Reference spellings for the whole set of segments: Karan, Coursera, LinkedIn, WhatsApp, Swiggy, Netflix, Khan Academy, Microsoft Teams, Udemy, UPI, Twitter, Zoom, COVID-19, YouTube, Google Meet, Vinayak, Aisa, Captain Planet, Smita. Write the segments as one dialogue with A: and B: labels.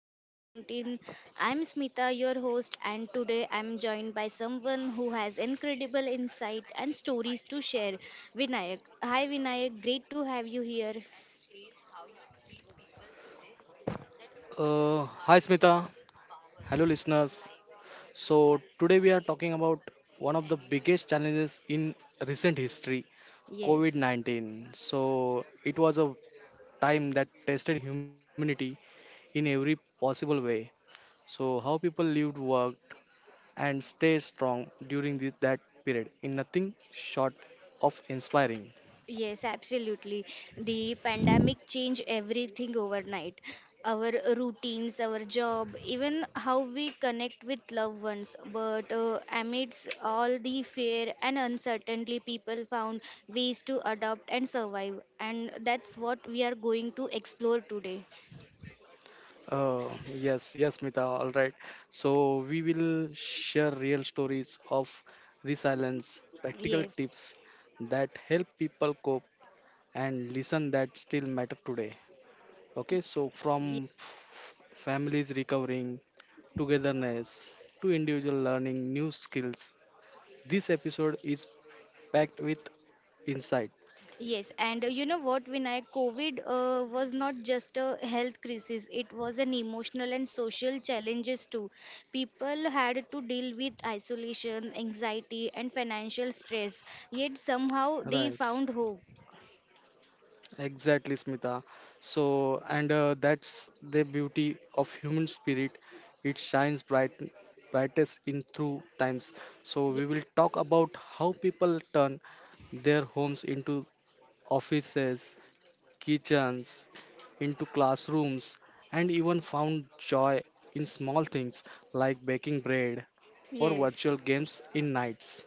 A: COVID 19. I'm Smita, your host, and today I'm joined by someone who has incredible insight and stories to share Vinayak. Hi Vinayak, great to have you here.
B: Hi Smita, hello listeners. So today we are talking about one of the biggest challenges in recent history,
A: Yes.
B: COVID-19. So it was a time that tested humanity in every possible way. So how people lived, worked, and stayed strong during that period in nothing short of inspiring.
A: Yes, absolutely. The pandemic changed everything overnight. Our routines, our job, even how we connect with loved ones. But amidst all the fear and uncertainty, people found ways to adapt and survive. And that's what we are going to explore today.
B: Oh, yes, yes, Mita. All right. So, we will share real stories of resilience, practical
A: Yes,
B: tips that help people cope and listen that still matter today. Okay, so from families recovering, togetherness, to individual learning new skills, this episode is packed with insight.
A: Yes, and you know what, Vinay, COVID was not just a health crisis, it was an emotional and social challenges too. People had to deal with isolation, anxiety, and financial stress, yet somehow they
B: Right.
A: found hope.
B: Exactly, Smita. So, and that's the beauty of human spirit. It shines bright, brightest in through times. So, we will talk about how people turn their homes into offices, kitchens, into classrooms, and even found joy in small things like baking bread or virtual
A: Yes.
B: games in nights.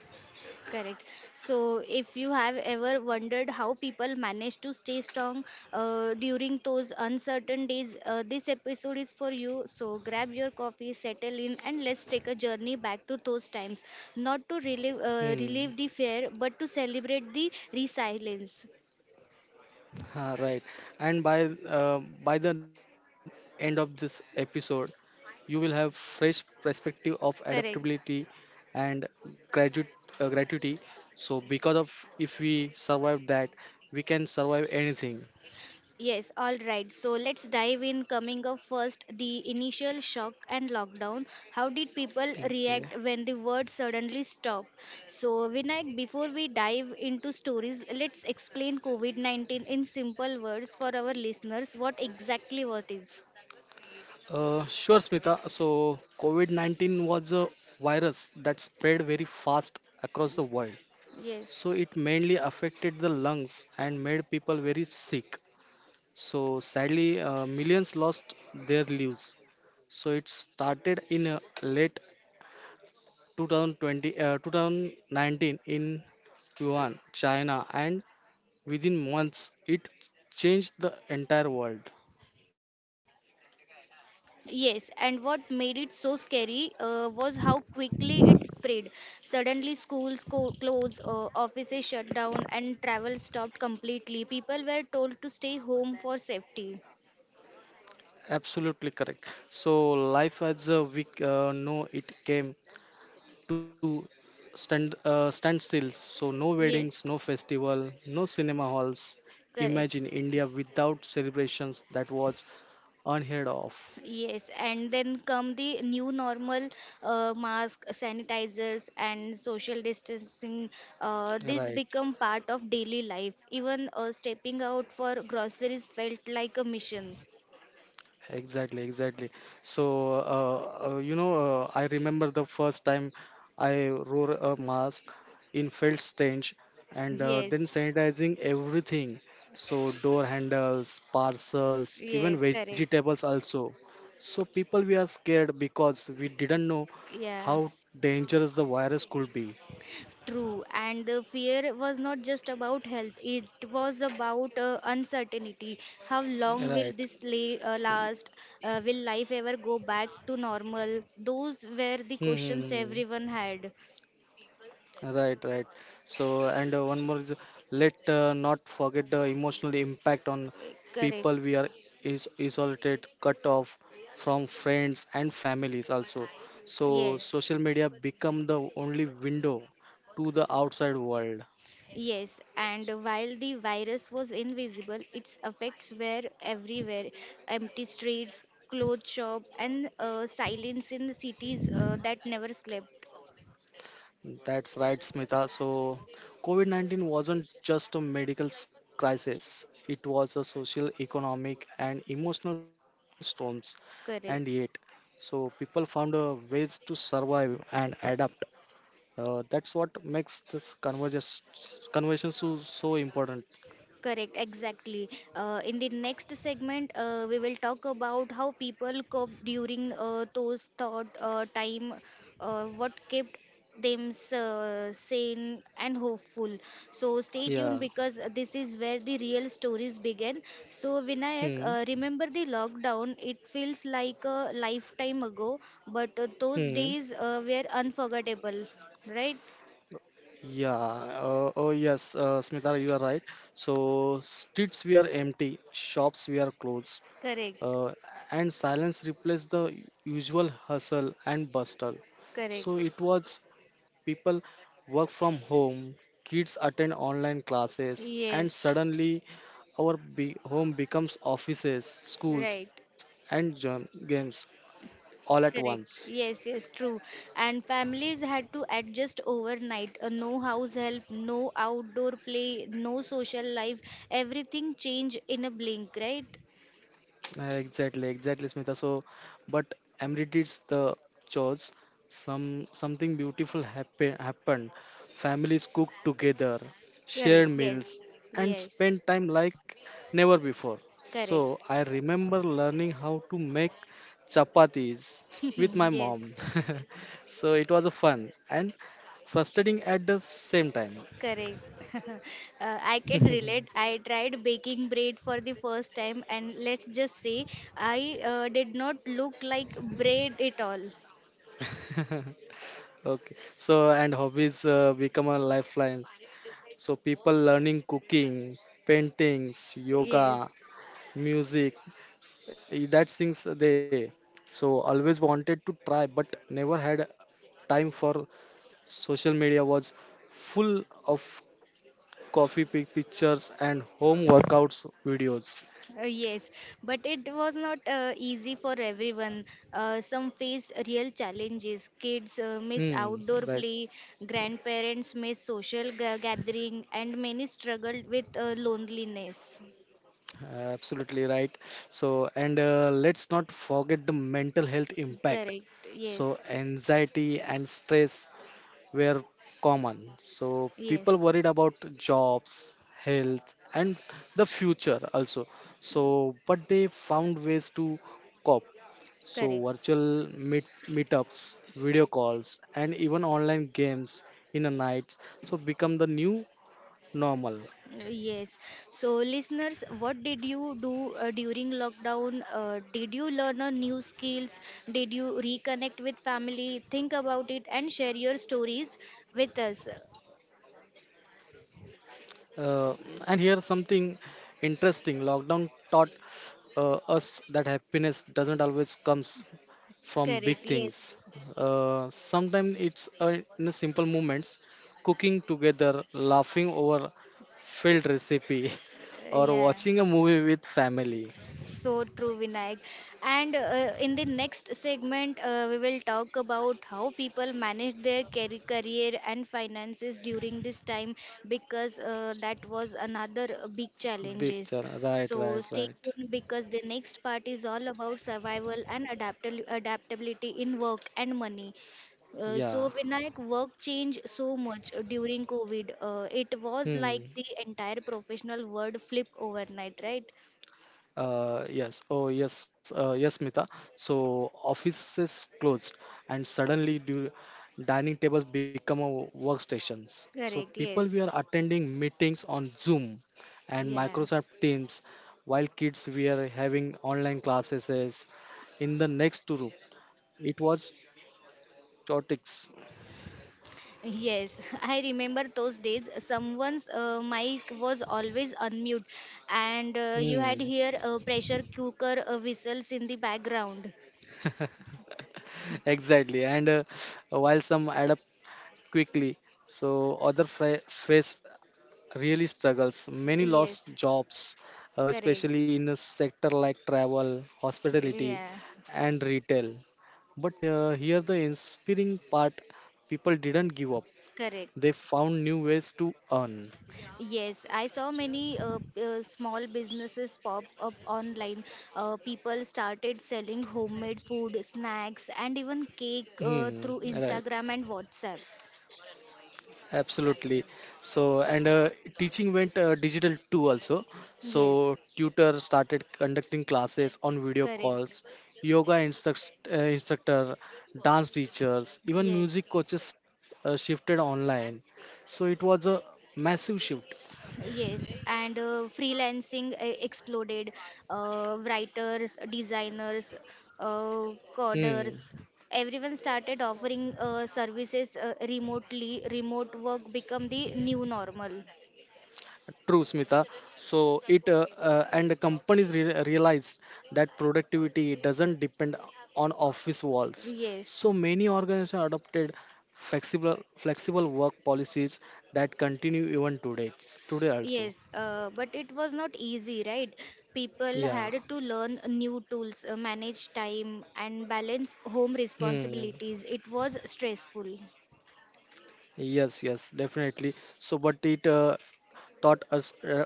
A: Correct. So, if you have ever wondered how people manage to stay strong during those uncertain days, this episode is for you. So, grab your coffee, settle in, and let's take a journey back to those times. Not to
B: Hmm.
A: relive the fear, but to celebrate the resilience.
B: ha, right. And by the end of this episode, you will have fresh perspective of adaptability
A: Correct.
B: and gratu- gratuity so because of if we survive that we can survive anything.
A: Yes, all right. So let's dive in. Coming up first, the initial shock and lockdown. How did people
B: Okay.
A: react when the word suddenly stopped? So, Vinayak, before we dive into stories, let's explain COVID 19 in simple words for our listeners what exactly what is.
B: Sure, Smita. So COVID-19 was a virus that spread very fast across the world.
A: Yes.
B: So it mainly affected the lungs and made people very sick. So sadly, millions lost their lives. So it started in late 2020, 2019 in Yuan, China, and within months it changed the entire world.
A: Yes, and what made it so scary was how quickly it spread. Suddenly, closed, offices shut down, and travel stopped completely. People were told to stay home for safety.
B: Absolutely correct. So life as we know it came to stand. So no weddings,
A: Yes,
B: no festival, no cinema halls.
A: correct.
B: Imagine India without celebrations. That was unheard of.
A: Yes, and then come the new normal, mask, sanitizers, and social distancing. This
B: Right.
A: become part of daily life. Even stepping out for groceries felt like a mission.
B: Exactly, exactly. So, you know, I remember the first time I wore a mask in felt stench and then
A: Yes,
B: sanitizing everything. So, door handles, parcels, even
A: yes, correct.
B: vegetables also. So, people we are scared because we didn't know
A: Yeah,
B: how dangerous the virus could be.
A: true. And the fear was not just about health, it was about uncertainty. How long will
B: Right.
A: this la- uh, last? Will life ever go back to normal? Those were the questions
B: Mm-hmm.
A: everyone had.
B: Right, right. So, and one more, is, let not forget the emotional impact on
A: Correct.
B: people. We are is isolated, cut off from friends and families also. So,
A: Yes.
B: social media become the only window to the outside world.
A: Yes, and while the virus was invisible, its effects were everywhere. Empty streets, clothes shop, and silence in the cities that never slept.
B: That's right, Smita. So, COVID 19 wasn't just a medical crisis, it was a social, economic, and emotional storms. And yet,
A: Correct.
B: so people found ways to survive and adapt. That's what makes this convergence conversion so, so important.
A: Correct, exactly. In the next segment, we will talk about how people cope during those thought time, what kept them sane and hopeful. So stay tuned
B: Yeah.
A: because this is where the real stories begin. So Vinayak,
B: Hmm.
A: remember the lockdown? It feels like a lifetime ago, but those
B: Hmm.
A: days were unforgettable, right?
B: Yeah, oh yes, Smita, you are right. So streets were empty, shops were closed,
A: Correct,
B: uh, and silence replaced the usual hustle and bustle. So
A: correct.
B: it was people work from home, kids attend online classes, and
A: Yes,
B: suddenly our home becomes offices,
A: right.
B: schools, and games all at
A: Correct.
B: once.
A: Yes, yes, true. And families had to adjust overnight. No house help, no outdoor play, no social life. Everything changed in a blink, right?
B: Exactly, exactly, Smita. So, but amenities the chores. Some something beautiful happened. Families cooked together,
A: Correct.
B: shared meals,
A: Yes.
B: and
A: Yes.
B: spent time like never before. So
A: Correct.
B: I remember learning how to make chapatis with my
A: yes.
B: mom. So it was a fun and frustrating at the same time.
A: Correct. uh, I can relate. I tried baking bread for the first time, and let's just say I did not look like bread at all.
B: Okay. So and hobbies become a lifeline. So people learning cooking, paintings,
A: Yes.
B: yoga, music, eh, that things they. So always wanted to try, but never had time for. Social media was full of coffee pictures and home workouts videos.
A: Yes, but it was not easy for everyone. Some face real challenges. Kids miss
B: Hmm,
A: outdoor
B: right,
A: play, grandparents miss gathering, and many struggled with loneliness.
B: absolutely right. So, and let's not forget the mental health impact.
A: Correct.
B: So,
A: Yes.
B: anxiety and stress were common. So people
A: Yes.
B: worried about jobs, health, and the future also. So, but they found ways to cope. So,
A: Correct. Uh,
B: virtual meetups, video calls, and even online games in the nights. So, become the new normal.
A: Yes. So, listeners, what did you do during lockdown? Did you learn a new skills? Did you reconnect with family? Think about it and share your stories with us.
B: Uh, and here's something interesting lockdown taught us that happiness doesn't always comes from big
A: Correct. Yes.
B: things. Sometimes it's in the simple moments, cooking together, laughing over failed recipe, or
A: Yeah.
B: watching a movie with family.
A: So true, Vinayak. And in the next segment, we will talk about how people manage their career and finances during this time because that was another big
B: Big
A: challenges.
B: challenge. Right,
A: So
B: right,
A: stay
B: right.
A: tuned because the next part is all about survival and adaptability in work and money. Uh,
B: Yeah.
A: so Vinayak, work changed so much during COVID. It was like
B: Hmm.
A: the entire professional world flipped overnight, right?
B: Yes. Oh, yes, Mita. So offices closed, and suddenly do dining tables become a workstations. So
A: Correct,
B: people were
A: yes.
B: attending meetings on Zoom and
A: Yeah.
B: Microsoft Teams, while kids were having online classes in the next room. It was chaotic.
A: Yes, I remember those days. Someone's mic was always unmute, and you
B: Hmm.
A: had hear pressure cooker whistles in the background.
B: Exactly. And while some adapt quickly, so other face really struggles. Many
A: Yes,
B: lost jobs,
A: correct.
B: especially in a sector like travel, hospitality,
A: Yeah,
B: and retail. But here, the inspiring part, people didn't give up,
A: correct.
B: they found new ways to earn.
A: Yes, I saw many small businesses pop up online. People started selling homemade food, snacks, and even cake
B: Hmm,
A: through
B: right.
A: Instagram and WhatsApp.
B: Absolutely. So, and teaching went digital too, also.
A: Yes,
B: So, tutor started conducting classes on video
A: correct.
B: calls, yoga instructor, dance teachers, even music
A: Yes,
B: coaches shifted online. So, it was a massive shift.
A: yes, and freelancing exploded. Writers, designers, uh,
B: Hmm.
A: coders, everyone started offering services remotely. Remote work become the new normal.
B: True, Smita. So it and companies realized that productivity doesn't depend on office walls.
A: Yes,
B: So many organizations adopted flexible work policies that continue even today. Today also.
A: yes, but it was not easy, right? People
B: Yeah.
A: had to learn new tools, manage time, and balance home
B: Hmm.
A: responsibilities. It was stressful.
B: Yes, yes, definitely. So, but it taught us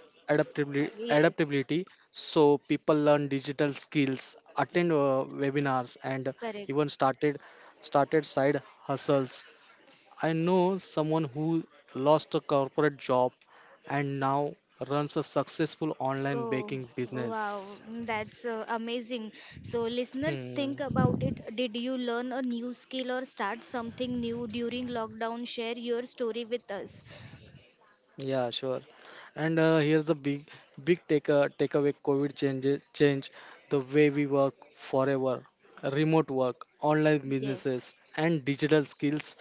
A: Uh,
B: adaptabili-
A: Yes,
B: adaptability. So people learn digital skills, attend webinars, and
A: correct.
B: even started side hustles. I know someone who lost a corporate job and now runs a successful online
A: Oh,
B: baking business.
A: wow, mm, that's amazing. So, listeners,
B: Hmm.
A: think about it. Did you learn a new skill or start something new during lockdown? Share your story with us.
B: Yeah, sure. And here's the big takeaway: COVID change the way we work forever. Remote work, online
A: Yes.
B: businesses and digital skills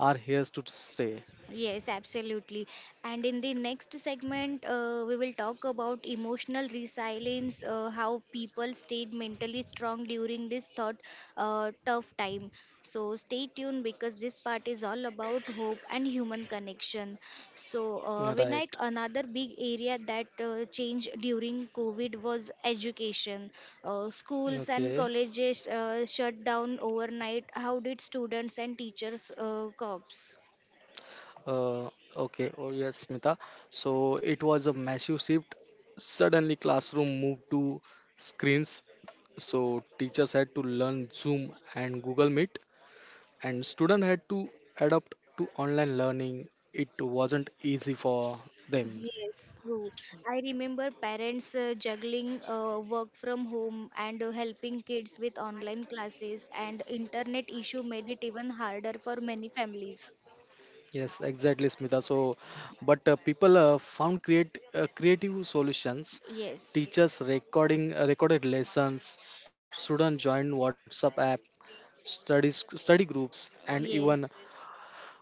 B: are here to stay.
A: Yes, absolutely. And in the next segment, we will talk about emotional resilience, how people stayed mentally strong during this tough time. So stay tuned because this part is all about hope and human connection. So Vinayak,
B: Right.
A: another big area that changed during COVID was education. Schools and
B: Okay.
A: colleges shut down overnight. How did students and teachers cope?
B: Uh, okay. Oh yes, Smita. So it was a massive shift. Suddenly classroom moved to screens. So teachers had to learn Zoom and Google Meet, and student had to adapt to online learning. It wasn't easy for them.
A: Yes, true. I remember parents juggling work from home and helping kids with online classes, and internet issue made it even harder for many families.
B: Yes, exactly, Smita. So, but people found create creative solutions.
A: Yes,
B: Teachers recording recorded lessons. Students joined WhatsApp app, study groups, and even
A: yes,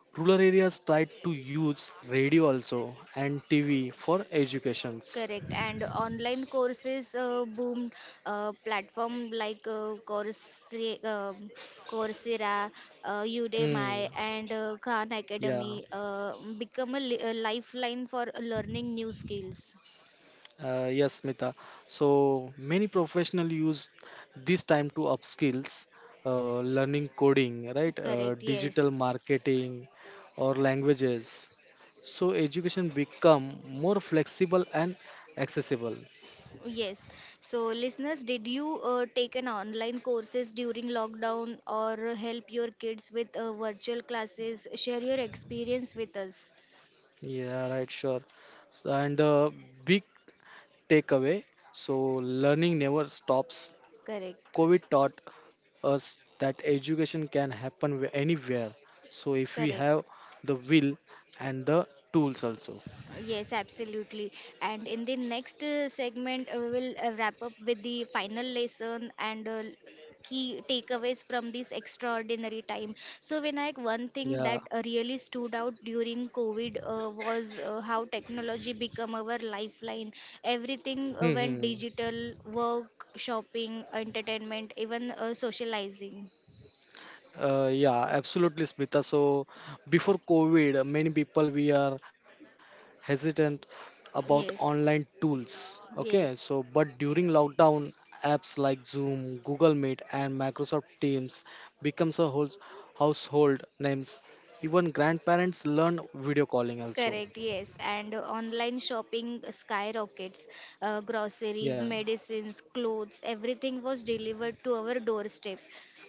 B: rural areas tried to use radio also and TV for educations.
A: correct. And online courses boomed. Platform like Coursera,
B: Hmm.
A: Udemy, and Khan
B: Yeah.
A: Academy become a lifeline for learning new skills.
B: Yes, Mita. So many professionals use this time to upskills, learning coding, right?
A: Correct.
B: Digital
A: Yes.
B: marketing or languages. So education become more flexible and accessible.
A: Yes. So, listeners, did you take an online courses during lockdown or help your kids with virtual classes? Share your experience with us.
B: Yeah, right, sure. So, and big takeaway. So learning never stops.
A: Correct.
B: COVID taught us that education can happen anywhere. So if we have
A: Correct.
B: the will and the tools also.
A: Yes, absolutely. And in the next segment, we will wrap up with the final lesson and key takeaways from this extraordinary time. So, Vinayak, one thing
B: Yeah.
A: that really stood out during COVID was how technology became our lifeline. Everything went
B: Hmm.
A: digital, work, shopping, entertainment, even socializing.
B: Yeah, absolutely, Smita. So before COVID, many people we are hesitant about online
A: Yes,
B: tools. Okay, so
A: yes.
B: but during lockdown, apps like Zoom, Google Meet, and Microsoft Teams becomes a whole household names. Even grandparents learn video calling also.
A: Correct, yes. And online shopping skyrockets. Groceries,
B: Yeah.
A: medicines, clothes, everything was delivered to our doorstep.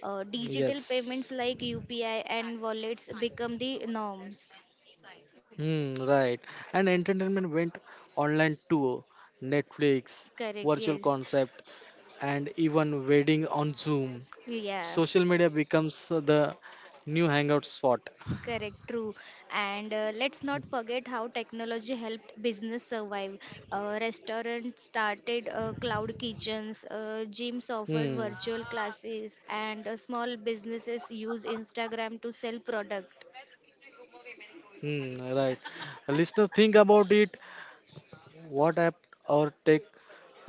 A: Digital payments
B: Yes.
A: like UPI and wallets become the norms.
B: Hmm, right. And entertainment went online too. Netflix,
A: Correct,
B: virtual
A: yes.
B: concept, and even wedding on Zoom.
A: Yeah.
B: Social media becomes the new hangout spot.
A: Correct, true. And let's not forget how technology helped business survive. Restaurants started cloud kitchens, gyms offered
B: Hmm.
A: virtual classes, and small businesses use Instagram to sell product.
B: Hmm, right. Listener, think about it. What app or tech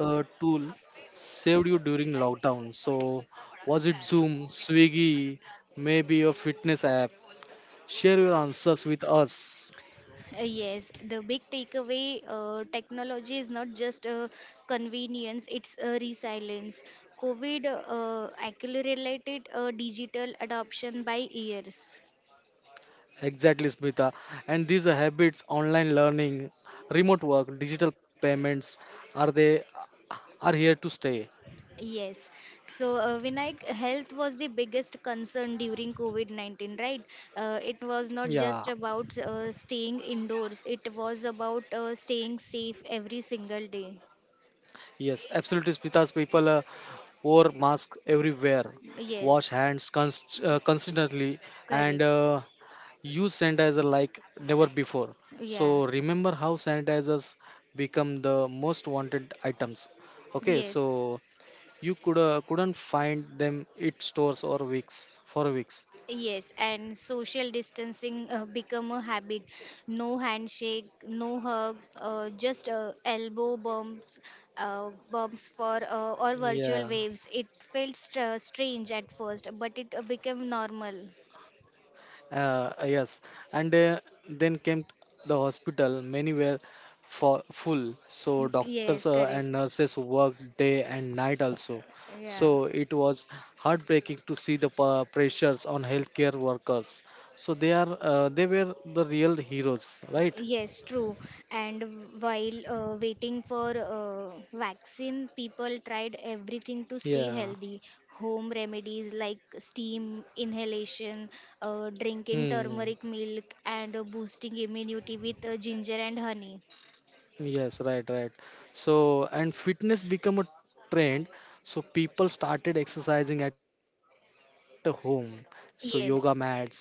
B: uh, tool saved you during lockdown? So, was it Zoom, Swiggy, maybe your fitness app? Share your answers with us.
A: Yes, the big takeaway, technology is not just a convenience, it's a resilience. COVID accelerated digital adoption by years.
B: Exactly, Smita. And these habits, online learning, remote work, digital payments, are they are here to stay?
A: Yes. So, Vinayak, health was the biggest concern during COVID 19, right? Uh, it was not just
B: Yeah,
A: about uh, staying indoors, it was about staying safe every single day.
B: yes, absolutely, Spitas. People wore masks everywhere, wash
A: Yes,
B: hands constantly, and
A: correct.
B: use sanitizer like never before.
A: Yeah,
B: So remember how sanitizers become the most wanted items. Okay,
A: yes.
B: so you couldn't find them at stores or weeks for weeks.
A: Yes, and social distancing become a habit. No handshake, no hug, just elbow bumps, bumps for or virtual
B: Yeah.
A: waves. It felt strange at first, but it became normal.
B: Yes, and then came the hospital. Many were for full, so doctors
A: Yes, correct.
B: and nurses worked day and night also.
A: Yeah.
B: So it was heartbreaking to see the pressures on healthcare workers. So they were the real heroes, right?
A: Yes, true. And while waiting for vaccine, people tried everything to stay
B: Yeah.
A: healthy. Home remedies like steam inhalation, drinking
B: Hmm.
A: turmeric milk, and boosting immunity with ginger and honey.
B: Yes, right, right. So, and fitness become a trend. So people started exercising at a home. So yoga mats
A: Yes,
B: sold out on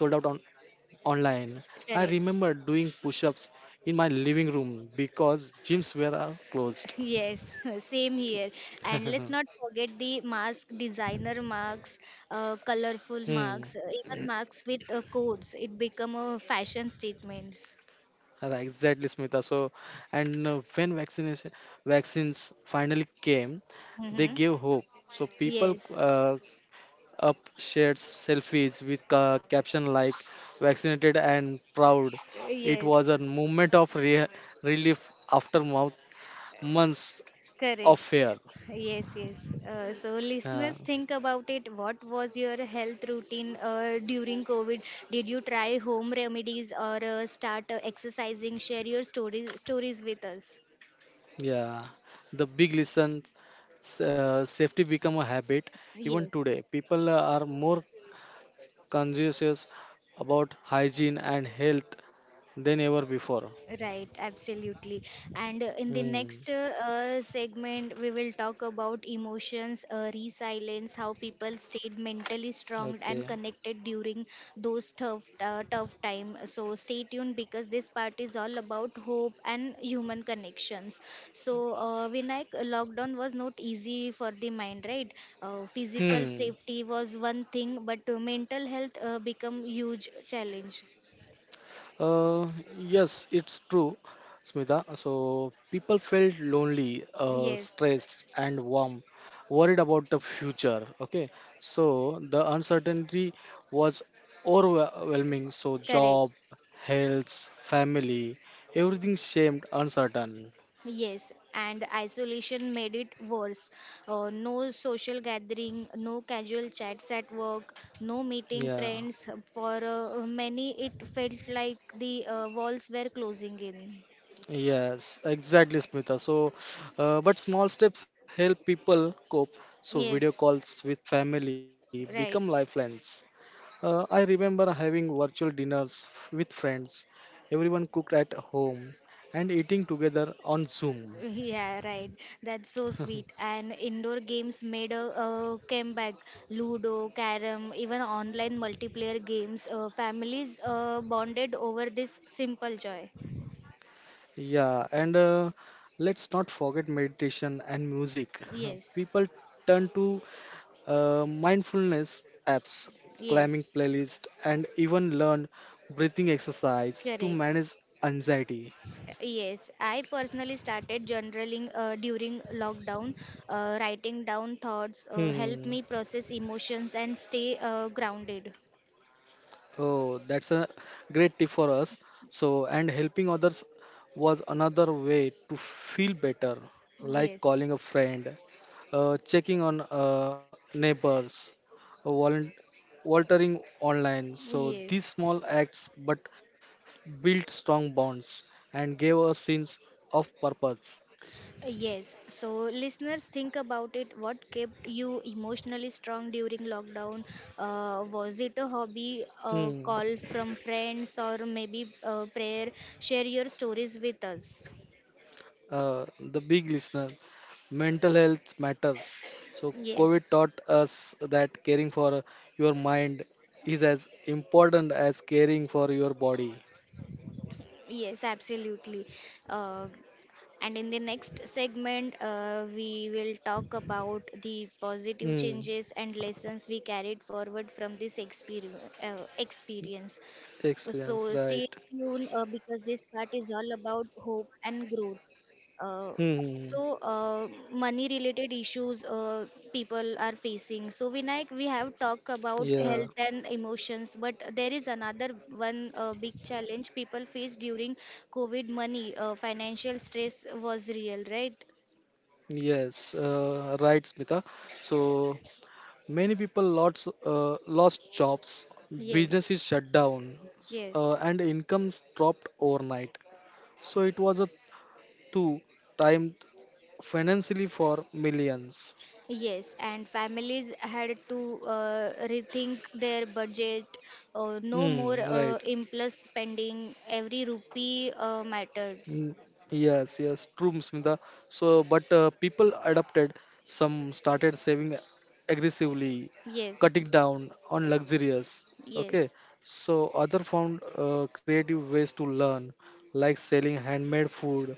B: online. I remember doing
A: correct.
B: push ups in my living room because gyms were closed.
A: Yes, same here. And let's not forget the mask designer masks, colorful
B: Hmm.
A: masks, even masks with codes. It become a fashion statements.
B: Right, exactly, Smita. So, and when vaccination vaccines finally came, they
A: Mm-hmm.
B: gave hope. So people
A: Yes,
B: up shared selfies with caption like "vaccinated and proud." It
A: yes,
B: was a moment of relief after months of
A: correct.
B: fear.
A: Yes, yes. So,
B: Uh,
A: listeners, think about it. What was your health routine during COVID? Did you try home remedies or start exercising? Share your stories stories with us.
B: Yeah, the big listen, safety become a habit. Even
A: Yes.
B: today, people are more conscious about hygiene and health than ever before.
A: Right, absolutely. And uh, in the
B: Hmm.
A: next uh, uh, segment, we will talk about emotions, resilience, how people stayed mentally
B: Okay.
A: strong and connected during those tough time. So stay tuned because this part is all about hope and human connections. So Vinayak, lockdown was not easy for the mind, right? Uh, physical
B: Hmm.
A: safety was one thing, but uh, mental health become huge challenge.
B: Uh, yes, it's true, Smita. So people felt lonely,
A: Yes,
B: stressed, and worried about the future. Okay, so the uncertainty was overwhelming. So
A: correct.
B: job, health, family, everything seemed uncertain.
A: Yes, and isolation made it worse. No social gathering, no casual chats at work, no meeting
B: Yeah,
A: friends. For many, it felt like the walls were closing in.
B: yes, exactly, Smita. So, but small steps help people cope. So video
A: Yes,
B: calls with family become
A: right.
B: lifelines. I remember having virtual dinners with friends. Everyone cooked at home and eating together on Zoom.
A: Yeah, right. That's so sweet. And indoor games made a comeback. Ludo, carom, even online multiplayer games. Families bonded over this simple joy.
B: Yeah, and let's not forget meditation and music.
A: Yes,
B: People turn to mindfulness apps, climbing
A: yes,
B: playlist, and even learn breathing exercise to
A: correct.
B: manage anxiety.
A: Yes, I personally started journaling during lockdown. Writing down thoughts help
B: Hmm.
A: me process emotions and stay grounded.
B: Oh, that's a great tip for us. So, and helping others was another way to feel better, like
A: Yes.
B: calling a friend, checking on neighbors, uh, volun- volunteering online. So, these
A: Yes.
B: small acts but built strong bonds and gave us sense of purpose.
A: Yes. So, listeners, think about it. What kept you emotionally strong during lockdown? Was it a hobby, a
B: Hmm.
A: call from friends, or maybe a prayer? Share your stories with us.
B: The big listener. Mental health matters. So, COVID
A: Yes.
B: taught us that caring for your mind is as important as caring for your body.
A: Yes, absolutely. Uh, And in the next segment, we will talk about the positive
B: Hmm.
A: changes and lessons we carried forward from this experience. So
B: Experience,
A: stay
B: right?
A: tuned because this part is all about hope and growth. Uh, so
B: Hmm.
A: uh, money related issues uh, people are facing. So Vinayak, we have talked about
B: Yeah.
A: health and emotions, but there is another one big challenge people face during COVID. Money, financial stress was real, right?
B: Yes. Right, Smita. So many people lots lost jobs,
A: Yes,
B: businesses shut down,
A: yes.
B: and incomes dropped overnight. So it was a two time financially for millions.
A: Yes, and families had to rethink their budget. Uh, no more
B: Hmm, right.
A: uh, impulse spending. Every rupee mattered.
B: Mm, Yes, yes, true, Smita. So, but people adapted. Some started saving aggressively,
A: Yes,
B: cutting down on luxurious. Okay.
A: yes,
B: So, other found creative ways to learn, like selling handmade food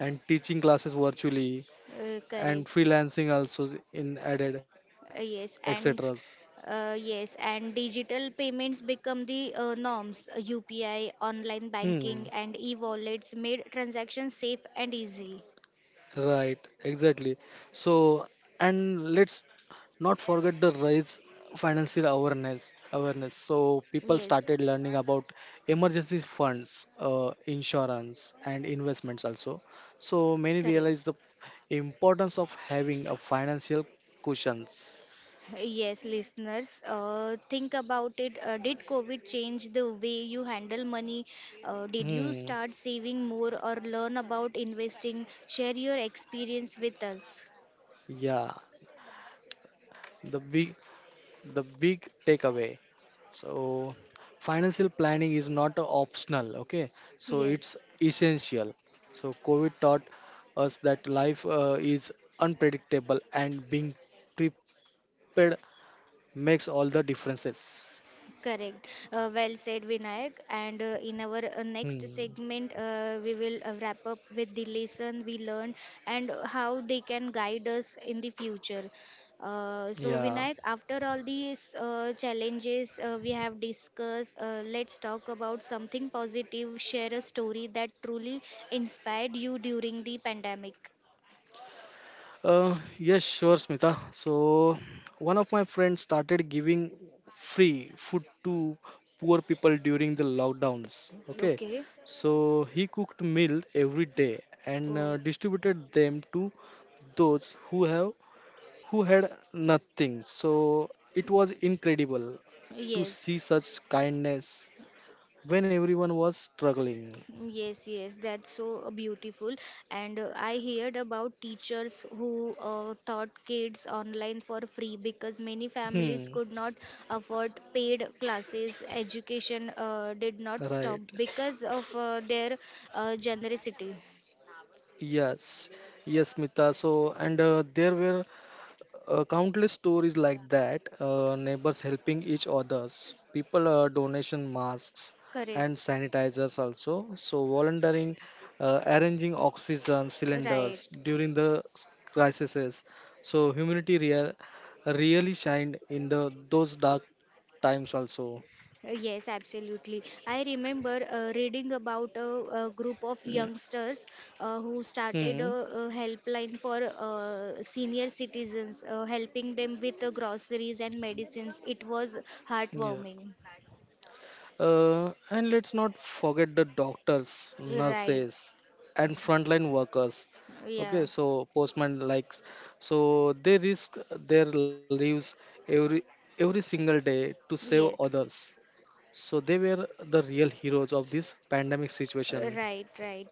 B: and teaching classes virtually,
A: uh,
B: and
A: correct.
B: freelancing also in added,
A: Uh, yes,
B: etc.
A: and yes, and digital payments become the norms. UPI, online
B: Hmm.
A: banking, and e-wallets made transactions safe and easy.
B: Right, exactly. So, and let's not forget the rise financial awareness. So people
A: Yes,
B: started learning about emergency funds, insurance and investments also. So many
A: correct.
B: realize the importance of having a financial cushions.
A: Yes, listeners, think about it. Did COVID change the way you handle money? Did you
B: Hmm.
A: start saving more or learn about investing? Share your experience with us.
B: Yeah, the big the big takeaway. So financial planning is not optional. Okay, so it's
A: Yes.
B: essential. So COVID taught us that life is unpredictable, and being prepared makes all the differences.
A: Correct. Well said, Vinayak. And in our next
B: Hmm.
A: segment, we will wrap up with the lesson we learned and how they can guide us in the future. So, Vinayak,
B: Yeah.
A: after all these challenges we have discussed, let's talk about something positive. Share a story that truly inspired you during the pandemic.
B: Yes, sure, Smita. So, one of my friends started giving free food to poor people during the lockdowns. Okay,
A: Okay.
B: so he cooked meal every day and
A: Oh,
B: distributed them to those who had nothing. So it was incredible to see
A: yes.
B: such kindness when everyone was struggling.
A: Yes, yes, that's so beautiful. And I heard about teachers who taught kids online for free because many
B: Hmm.
A: families could not afford paid classes. Education did not
B: Right.
A: stop because of their generosity.
B: Yes. Yes, Mita. So, and there were countless stories like that, neighbors helping each others, people donation masks and
A: Correct.
B: sanitizers also, so volunteering, arranging oxygen
A: Right.
B: cylinders during the crises. So humanity really shined in the those dark times also.
A: Yes, absolutely. I remember reading about a group of youngsters who started
B: Hmm.
A: a helpline for senior citizens, helping them with the groceries and medicines. It was
B: Yeah.
A: heartwarming.
B: And let's not forget the doctors,
A: Right.
B: nurses, and frontline workers. Okay,
A: Yeah.
B: so postman likes. So they risk their lives every every single day to save
A: Yes.
B: others. So they were the real heroes of this pandemic situation.
A: Right, right.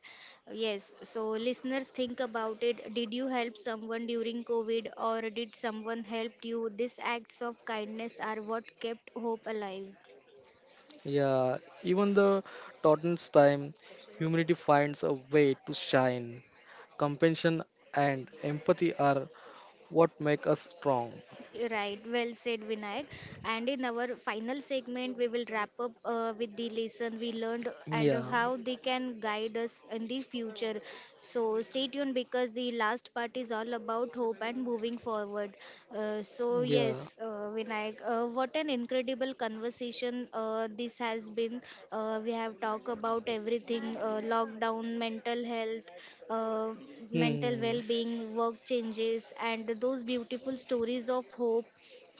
A: Yes. So, listeners, think about it. Did you help someone during COVID or did someone help you? These acts of kindness are what kept hope alive.
B: Yeah, even the Tottenham's time, humanity finds a way to shine. Compassion and empathy are what make us strong.
A: Right, well said, Vinayak. And in our final segment, we will wrap up with the lesson we learned and
B: Yeah,
A: how they can guide us in the future. So stay tuned because the last part is all about hope and moving forward. Uh, so Oh,
B: yeah.
A: yes, uh, Vinayak. What an incredible conversation this has been. We have talked about everything lockdown, mental health, uh, mental
B: Hmm.
A: well being, work changes, and those beautiful stories of hope.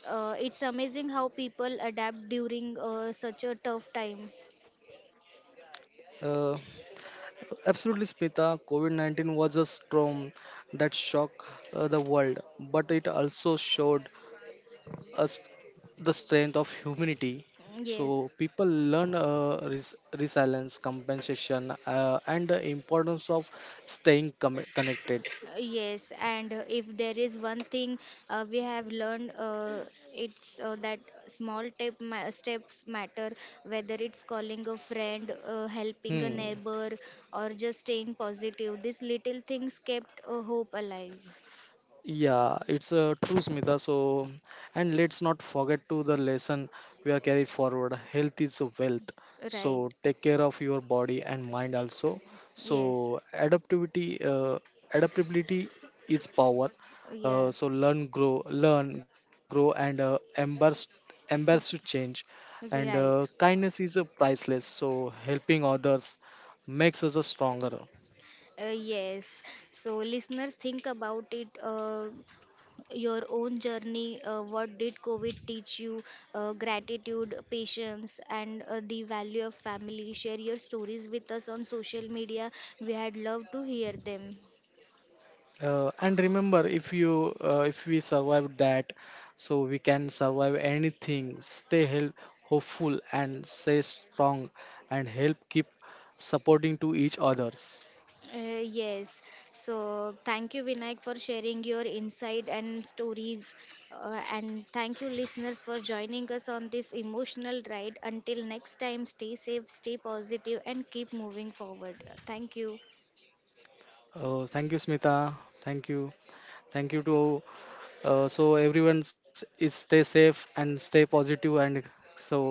A: It's amazing how people adapt during such a tough time.
B: Uh, Absolutely, Smita. COVID 19 was a storm that shocked the world, but it also showed us the strength of humanity.
A: Mm,
B: So,
A: Yes.
B: people learn resilience, compensation, and the importance of staying connected.
A: Yes, and if there is one thing we have learned, it's that small steps matter, whether it's calling a friend, helping a
B: Hmm.
A: neighbor, or just staying positive. These little things kept hope alive.
B: Yeah, it's a true, Smita. So, and let's not forget to the lesson we are carried forward. Health is a wealth.
A: Right.
B: So take care of your body and mind also.
A: Yes.
B: So adaptivity, adaptability is power.
A: Yeah.
B: So learn, grow, embrace to change. And
A: Right.
B: kindness is priceless. So helping others makes us a stronger.
A: Yes. So, listeners, think about it. Your own journey. What did COVID teach you? Gratitude, patience, and the value of family. Share your stories with us on social media. We had loved to hear them.
B: And remember, if we survive that, so we can survive anything. Stay hopeful and stay strong, and help keep supporting to each others.
A: Yes. So thank you, Vinayak, for sharing your insight and stories. And thank you, listeners, for joining us on this emotional ride. Until next time, stay safe, stay positive, and keep moving forward. Thank you.
B: Thank you, Smita. Thank you. Thank you to so everyone s- is stay safe and stay positive and so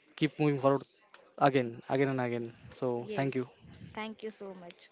B: keep moving forward again and again. So thank
A: Yes.
B: you.
A: Thank you so much.